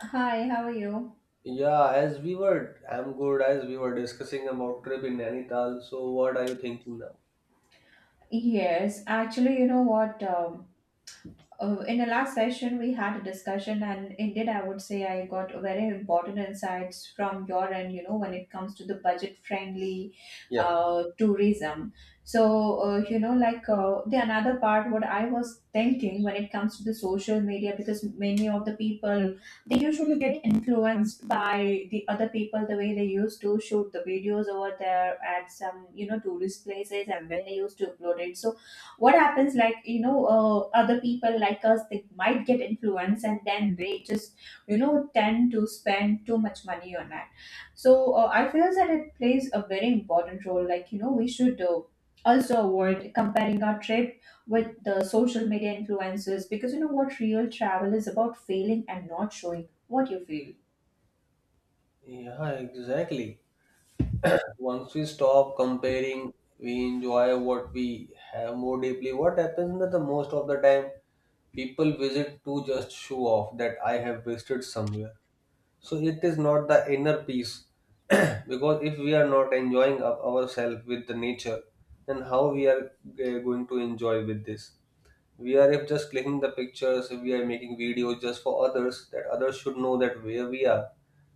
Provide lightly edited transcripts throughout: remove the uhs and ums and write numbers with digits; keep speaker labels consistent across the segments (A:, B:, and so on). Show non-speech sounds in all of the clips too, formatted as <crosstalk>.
A: Hi, how are you?
B: Yeah, as we were, I'm good. As we were discussing about trip in Nainital, so what are you thinking now?
A: Yes, actually, you know what? In the last session we had a discussion, and indeed I would say I got very important insights from your end, you know, when it comes to the budget friendly
B: Yeah.
A: tourism. So, you know, the another part what I was thinking when it comes to the social media, because many of the people, they usually get influenced by the other people, the way they used to shoot the videos over there at some, you know, tourist places, and then they used to upload it. So what happens, like, you know, other people like us, they might get influenced, and then they just, you know, tend to spend too much money on that. So, I feel that it plays a very important role, like, you know, we should also avoid comparing our trip with the social media influencers, because you know what, real travel is about failing and not showing what you feel.
B: Yeah, exactly. Once we stop comparing, we enjoy what we have more deeply. What happens that the most of the time, people visit to just show off that I have visited somewhere. So it is not the inner peace, <clears throat> because if we are not enjoying of ourselves with the nature, then how we are going to enjoy with this? We are if just clicking the pictures, if we are making videos just for others that others should know that where we are,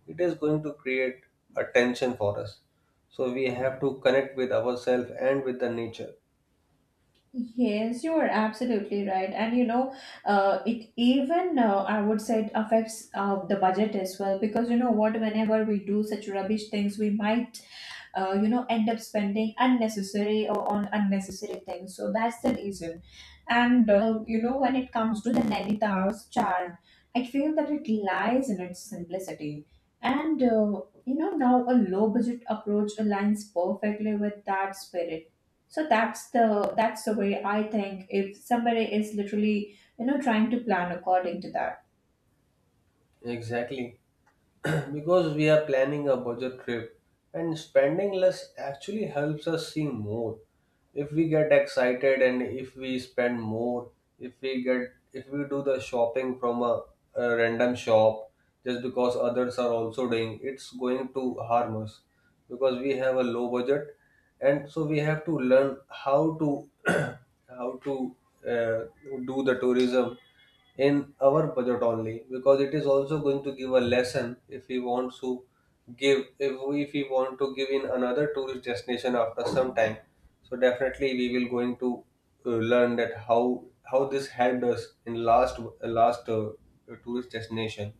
B: it is going to create a tension for us. So we have to connect with ourselves and with the nature.
A: Yes, you are absolutely right. And you know, it even I would say it affects the budget as well, because you know what, whenever we do such rubbish things, we might you know, end up spending unnecessary or on unnecessary things, so that's the reason. And you know, when it comes to the nainita's charm, I feel that it lies in its simplicity. And you know, now a low budget approach aligns perfectly with that spirit. So that's the— that's the way I think, if somebody is literally, you know, trying to plan according to that.
B: Exactly. <clears throat> Because we are planning a budget trip and spending less actually helps us see more. If we get excited and if we spend more, if we get if we do the shopping from a random shop just because others are also doing, it's going to harm us because we have a low budget. And so we have to learn how to <clears throat> how to uh, do the tourism in our budget only, because it is also going to give a lesson if we want to give, if we want to give in another tourist destination after some time. So definitely we will going to learn that how this helped us in last tourist destination.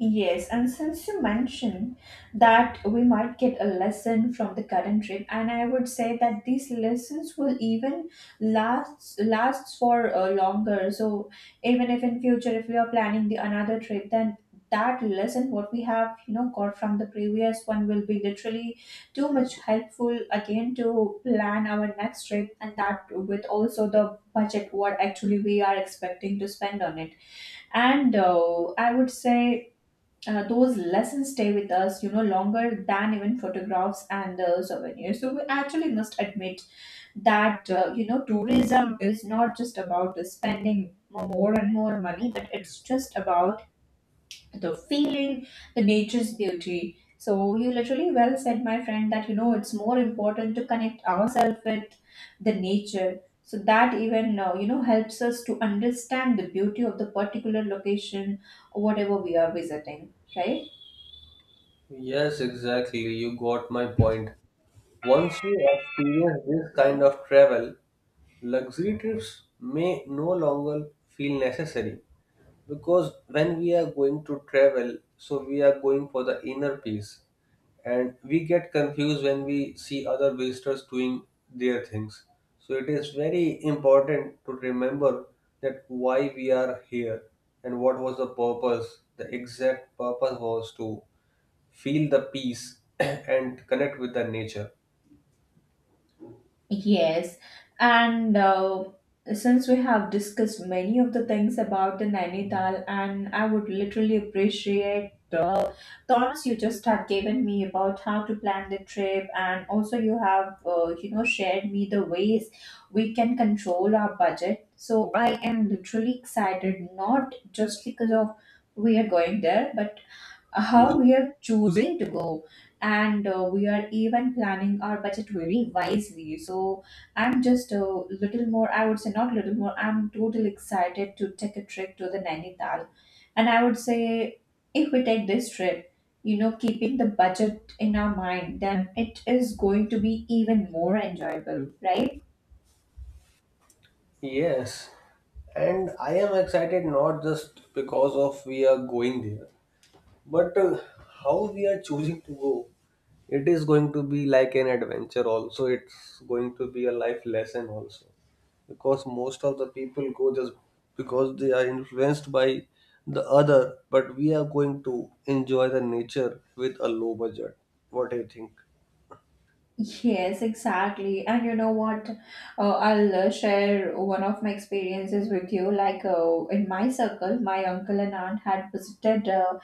A: Yes, and since you mentioned that we might get a lesson from the current trip, and I would say that these lessons will even last— lasts for longer. So even if in future if we are planning the another trip, then that lesson what we have, you know, got from the previous one will be literally too much helpful again to plan our next trip, and that with also the budget what actually we are expecting to spend on it. And I would say those lessons stay with us, you know, longer than even photographs and souvenirs. So we actually must admit that, you know, tourism is not just about spending more and more money, but it's just about the feeling, the nature's beauty. So you literally well said, my friend, that, you know, it's more important to connect ourselves with the nature. So that even, you know, helps us to understand the beauty of the particular location, whatever we are visiting, right?
B: Yes, exactly, you got my point. Once you experience this kind of travel, luxury trips may no longer feel necessary, because when we are going to travel, so we are going for the inner peace and we get confused when we see other visitors doing their things. So it is very important to remember that why we are here and what was the purpose. The exact purpose was to feel the peace <clears throat> and connect with the nature.
A: Yes, and since we have discussed many of the things about the Nainital, and I would literally appreciate the thoughts you just have given me about how to plan the trip, and also you have you know, shared me the ways we can control our budget. So I am literally excited, not just because of we are going there, but how we are choosing to go. And we are even planning our budget very wisely. So I'm just a little more, I would say, not little more, I'm totally excited to take a trip to the Nainital. And I would say, if we take this trip, you know, keeping the budget in our mind, then it is going to be even more enjoyable, right?
B: Yes, and I am excited not just because of we are going there, but how we are choosing to go. It is going to be like an adventure also. It's going to be a life lesson also. Because most of the people go just because they are influenced by the other, but we are going to enjoy the nature with a low budget. What do you think?
A: Yes, exactly. And you know what? I'll share one of my experiences with you. Like in my circle, my uncle and aunt had visited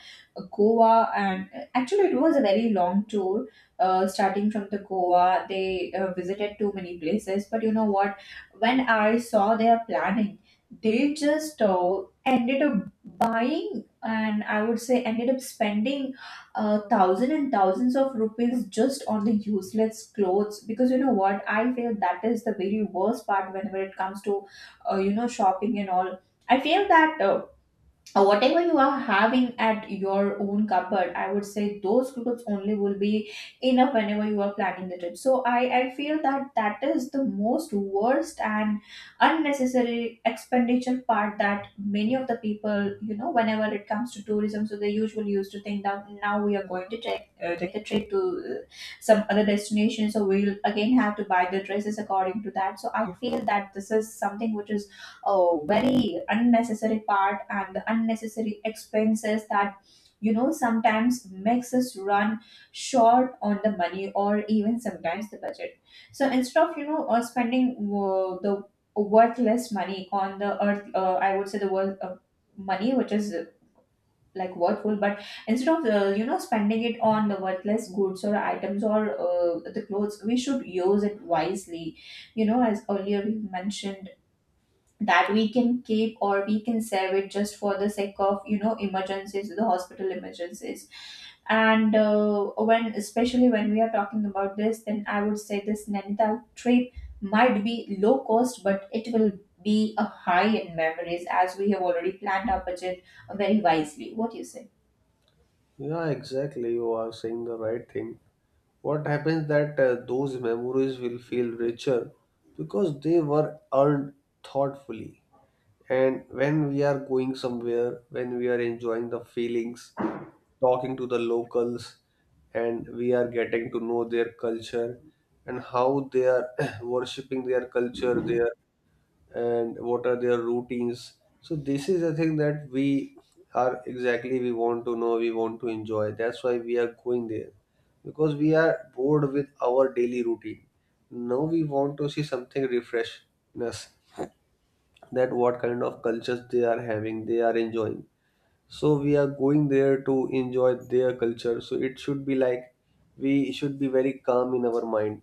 A: Goa, and actually, it was a very long tour. Starting from the Goa, they visited too many places. But you know what? When I saw their planning, they just ended up buying, and I would say ended up spending thousands and thousands of rupees just on the useless clothes, because you know what, I feel that is the very worst part whenever it comes to you know, shopping and all. I feel that or whatever you are having at your own cupboard, I would say those clothes only will be enough whenever you are planning the trip. So I feel that that is the most worst and unnecessary expenditure part, that many of the people, you know, whenever it comes to tourism, so they usually used to think that now we are going to take take a trip to some other destination, so we'll again have to buy the dresses according to that. So I feel that this is something which is— oh, very unnecessary part and the unnecessary expenses that, you know, sometimes makes us run short on the money, or even sometimes the budget. So instead of, you know, spending the worthless money on the earth, I would say the worth— money which is like worthful, but instead of you know, spending it on the worthless goods or items or the clothes, we should use it wisely, you know, as earlier we mentioned, that we can keep or we can save it just for the sake of, you know, emergencies, the hospital emergencies. And when— especially when we are talking about this, then I would say this Nainital trip might be low cost, but it will be a high in memories, as we have already planned our budget very wisely. What do you say?
B: Yeah, exactly. You are saying the right thing. What happens that those memories will feel richer because they were earned thoughtfully. And when we are going somewhere, when we are enjoying the feelings, talking to the locals, and we are getting to know their culture and how they are <clears throat> worshipping their culture, their and what are their routines. So this is the thing that we are exactly, we want to know, we want to enjoy. That's why we are going there, because we are bored with our daily routine. Now we want to see something refreshness, that what kind of cultures they are having, they are enjoying. So we are going there to enjoy their culture. So it should be like we should be very calm in our mind,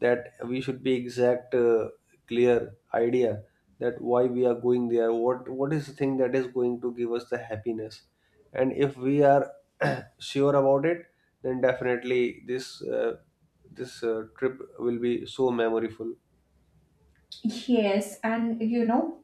B: that we should be exact clear idea that why we are going there, what is the thing that is going to give us the happiness. And if we are <clears throat> sure about it, then definitely this trip will be so memorable.
A: Yes, and you know,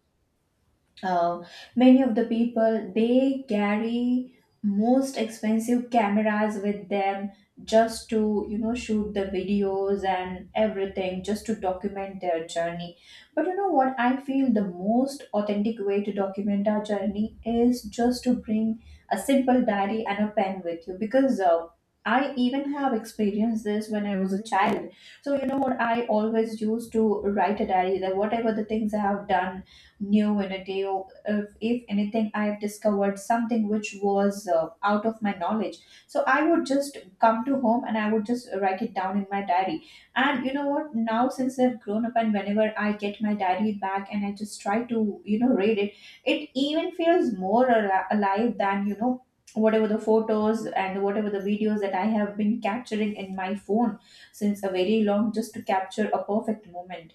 A: uh, many of the people, they carry most expensive cameras with them just to, you know, shoot the videos and everything, just to document their journey. But you know what, I feel the most authentic way to document our journey is just to bring a simple diary and a pen with you, because I even have experienced this when I was a child. So you know what, I always used to write a diary, that whatever the things I have done new in a day, or if anything I have discovered something which was out of my knowledge, so I would just come to home and I would just write it down in my diary. And you know what, now since I've grown up and whenever I get my diary back and I just try to, you know, read it, it even feels more alive than, you know, whatever the photos and whatever the videos that I have been capturing in my phone since a very long, just to capture a perfect moment.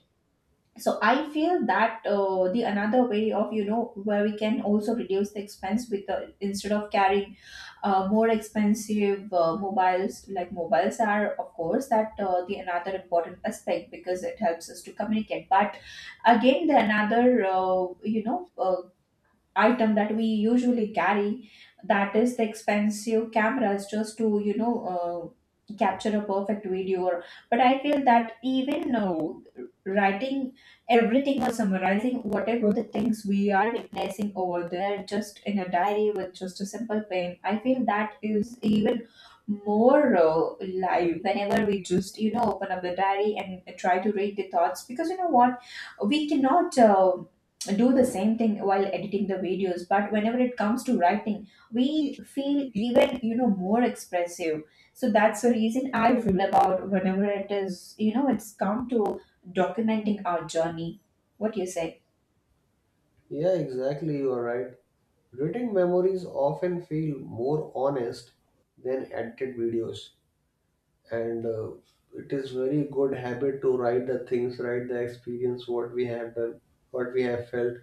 A: So I feel that the another way of, you know, where we can also reduce the expense with the— instead of carrying more expensive mobiles— like mobiles are of course that the another important aspect, because it helps us to communicate. But again, the another you know, item that we usually carry, that is the expensive cameras, just to, you know, capture a perfect video, or— but I feel that even writing everything or summarizing whatever the things we are replacing over there, just in a diary with just a simple pen, I feel that is even more live whenever we just, you know, open up the diary and try to read the thoughts. Because you know what, we cannot do the same thing while editing the videos, but whenever it comes to writing, we feel even, you know, more expressive. So that's the reason I feel about, whenever it is, you know, it's come to documenting our journey. What do you say?
B: Yeah, exactly, you are right. Written memories often feel more honest than edited videos. And it is very good habit to write the things, write the experience what we have done, what we have felt.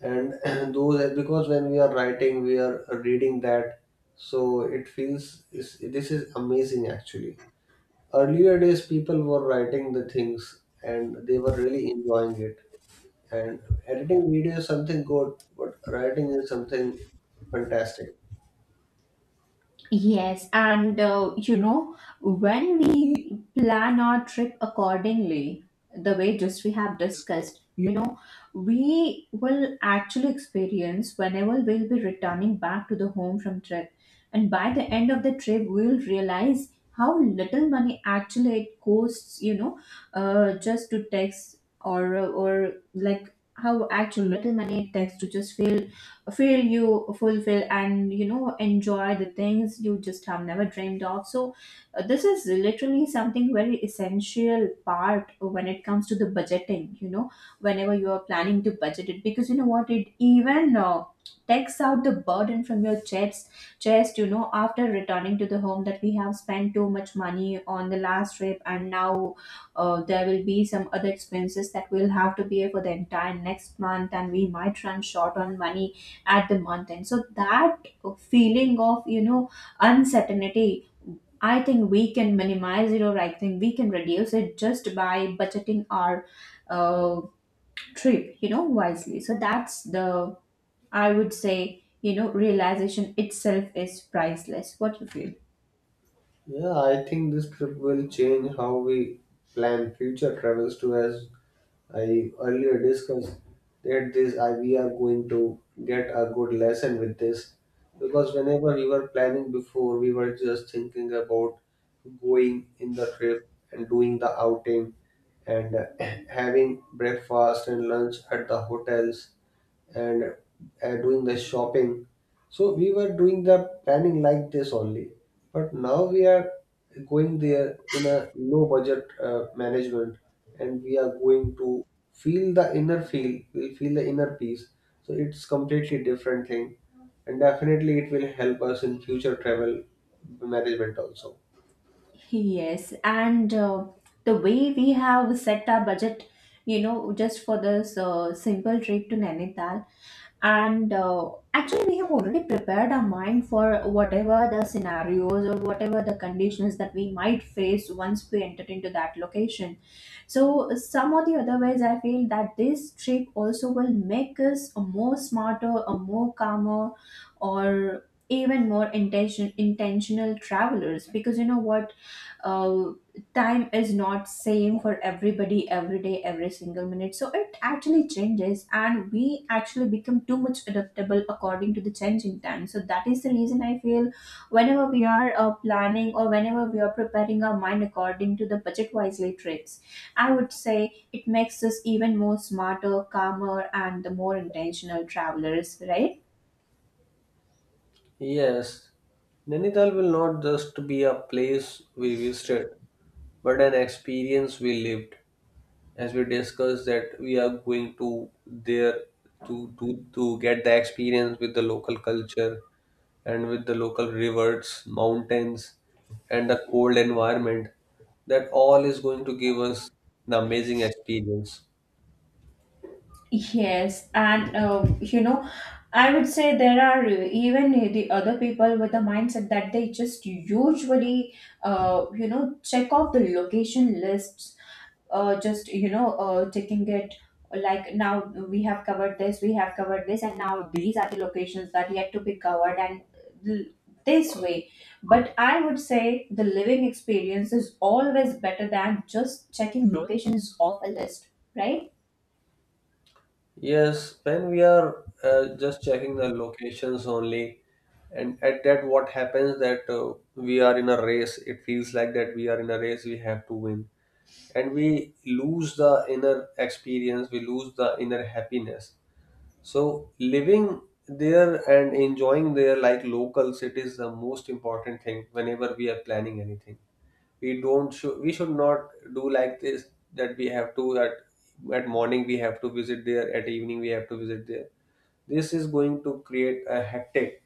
B: And <clears throat> those, because when we are writing we are reading that. So it feels this is amazing. Actually, earlier days people were writing the things and they were really enjoying it. And editing video is something good, but writing is something fantastic.
A: Yes, and you know, when we plan our trip accordingly, the way just we have discussed, you know, we will actually experience whenever we'll be returning back to the home from trip. And by the end of the trip, we'll realize how little money actually it costs, you know, just to text, or like how actual little money it takes to just feel you fulfill and, you know, enjoy the things you just have never dreamed of. So this is literally something very essential part when it comes to the budgeting, you know, whenever you are planning to budget it. Because you know what, it even takes out the burden from your chest, you know, after returning to the home, that we have spent too much money on the last trip, and now there will be some other expenses that we'll have to pay for the entire next month, and we might run short on money at the month end. So that feeling of, you know, uncertainty, I think we can minimize it, or I think we can reduce it, just by budgeting our uh, trip, you know, wisely. So that's the— I would say, you know, realization itself is priceless. What you feel?
B: Yeah, I think this trip will change how we plan future travels too. As I earlier discussed, that we are going to get a good lesson with this, because whenever we were planning before, we were just thinking about going in the trip and doing the outing and <clears throat> having breakfast and lunch at the hotels, and doing the shopping. So we were doing the planning like this only, but now we are going there in a low budget management, and we are going to feel the inner feel. We'll feel the inner peace. So it's completely different thing, and definitely it will help us in future travel management also.
A: Yes, and the way we have set our budget, you know, just for this simple trip to Nainital. And actually we have already prepared our mind for whatever the scenarios or whatever the conditions that we might face once we enter into that location, so some or the other ways I feel that this trip also will make us a more smarter, a more calmer, or even more intentional travelers. Because you know what, uh, time is not same for everybody, every day, every single minute, so it actually changes and we actually become too much adaptable according to the changing time. So that is the reason I feel whenever we are planning or whenever we are preparing our mind according to the budget wisely tricks, I would say it makes us even more smarter, calmer, and the more intentional travelers, right?
B: Yes, Nainital will not just be a place we visited, but an experience we lived. As we discussed that we are going to there to get the experience with the local culture and with the local rivers, mountains, and the cold environment. That all is going to give us the amazing experience.
A: Yes, and you know, I would say there are even the other people with the mindset that they just usually, you know, check off the location lists, just you know, taking it like now we have covered this, we have covered this, and now these are the locations that yet to be covered, and l- this way. But I would say the living experience is always better than just checking locations off a list, right?
B: Yes, when we are just checking the locations only, and at that, what happens that we are in a race. It feels like that we are in a race. We have to win, and we lose the inner experience. We lose the inner happiness. So living there and enjoying there like locals, it is the most important thing. Whenever we are planning anything, we should not do like this, that we have to at morning we have to visit there, at evening we have to visit there. This is going to create a hectic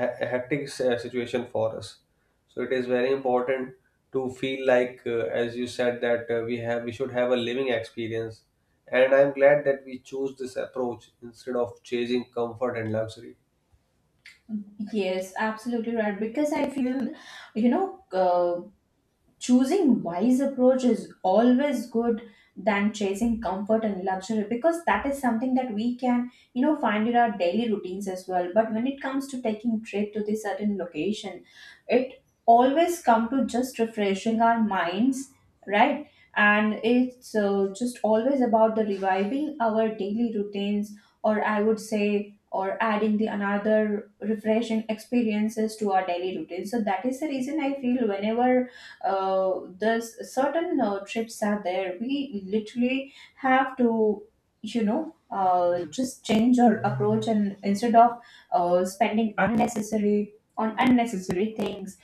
B: a hectic situation for us. So it is very important to feel like, as you said, that we should have a living experience. And I'm glad that we choose this approach instead of chasing comfort and luxury.
A: Yes, absolutely right. Because I feel, you know, uh, choosing wise approach is always good than chasing comfort and luxury, because that is something that we can you know find in our daily routines as well. But when it comes to taking trip to this certain location, it always come to just refreshing our minds, right? And it's just always about the reviving our daily routines, or I would say or adding the another refreshing experiences to our daily routine. So that is the reason I feel whenever uh, there's certain trips are there, we literally have to you know just change our approach, and instead of spending unnecessary on unnecessary things,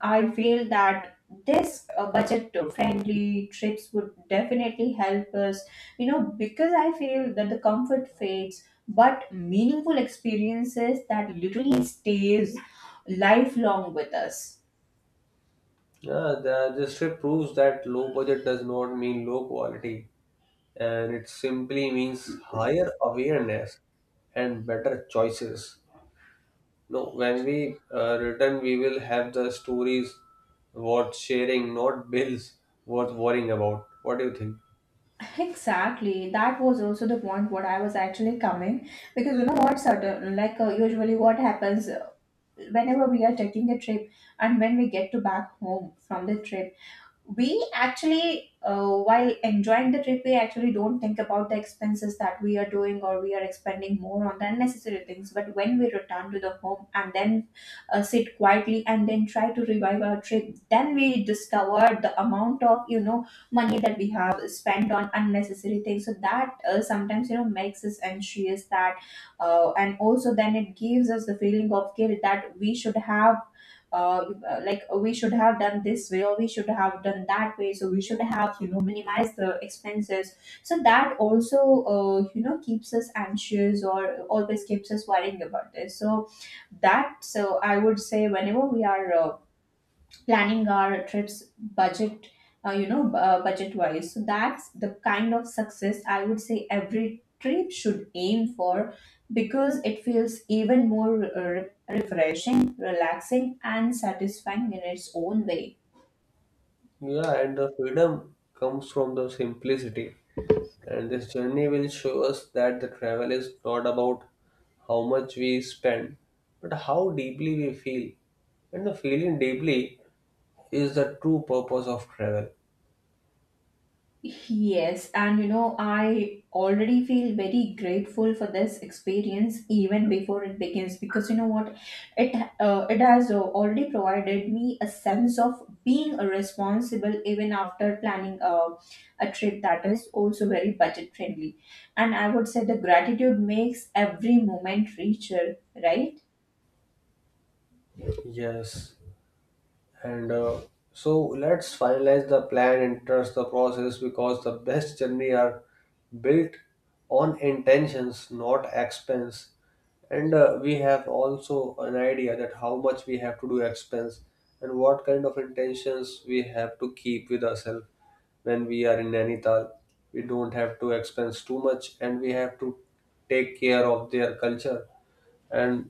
A: I feel that this budget friendly trips would definitely help us, you know. Because I feel that the comfort fades, but meaningful experiences that literally stays lifelong with us.
B: Yeah, this trip proves that low budget does not mean low quality, and it simply means higher awareness and better choices. No, when we return, we will have the stories worth sharing, not bills worth worrying about. What do you think?
A: Exactly. That was also the point what I was actually coming. Because you know what, certain like usually what happens, whenever we are taking a trip and when we get to back home from the trip, we actually while enjoying the trip we actually don't think about the expenses that we are doing, or we are expending more on the unnecessary things. But when we return to the home and then sit quietly and then try to revive our trip, then we discover the amount of you know money that we have spent on unnecessary things. So that sometimes you know makes us anxious that and also then it gives us the feeling of guilt that we should have, we should have done this way or we should have done that way, so we should have you know minimized the expenses. So that also you know keeps us anxious or always keeps us worrying about this. So that, so I would say whenever we are planning our trips budget, budget wise, so that's the kind of success I would say every trip should aim for, because it feels even more refreshing, relaxing, and satisfying in its own way.
B: Yeah, and the freedom comes from the simplicity. And this journey will show us that the travel is not about how much we spend, but how deeply we feel. And the feeling deeply is the true purpose of travel.
A: Yes, and you know, I already feel very grateful for this experience even before it begins. Because you know what, it it has already provided me a sense of being responsible even after planning a trip that is also very budget friendly. And I would say the gratitude makes every moment richer, right?
B: Yes, and so let's finalize the plan and trust the process, because the best journey are built on intentions, not expense. And we have also an idea that how much we have to do expense and what kind of intentions we have to keep with ourselves when we are in Nainital. We don't have to expense too much, and we have to take care of their culture and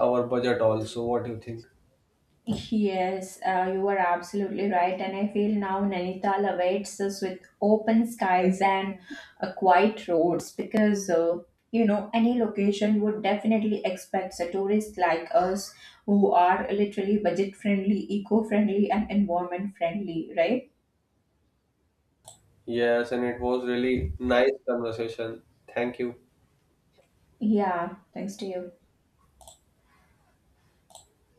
B: our budget also. What do you think?
A: Yes, you are absolutely right. And I feel now Nainital awaits us with open skies and quiet roads. Because, any location would definitely expect a tourist like us who are literally budget friendly, eco friendly, and environment friendly, right?
B: Yes, and it was really nice conversation. Thank you.
A: Yeah, thanks to you.